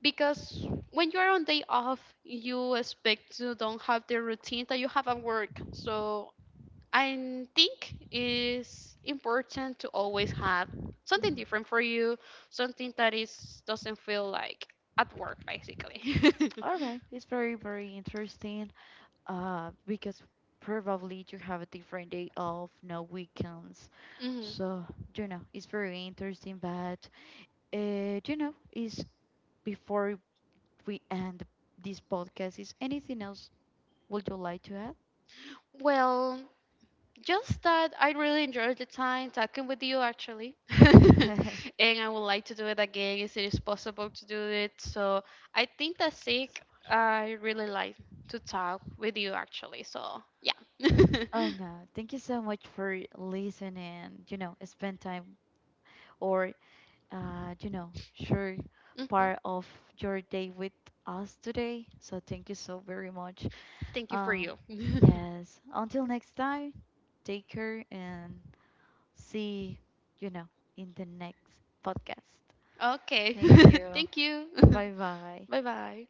B: because when you are on day off, you expect to don't have the routine that you have at work. So I think it's important to always have something
A: mhm.
B: different for you, something that is doesn't feel like at work, basically.
A: All right, it's very, very interesting. Because probably you have a different day off, no weekends,
B: Hmm.
A: so it's very interesting. But is before we end this podcast, is anything else would you like to add?
B: Well, just that I really enjoyed the time talking with you actually. And I would like to do it again if it is possible to do it. So I think that's it. I really like to talk with you actually. So yeah.
A: Oh no, thank you so much for listening, spend time or, share
B: Mhm.
A: part of your day with us today. So thank you so very much.
B: Thank you for
A: Um,
B: you.
A: yes, until next time, take care and see, you know, in the next podcast.
B: Okay.
A: Thank you.
B: Thank you.
A: Bye bye.
B: Bye bye.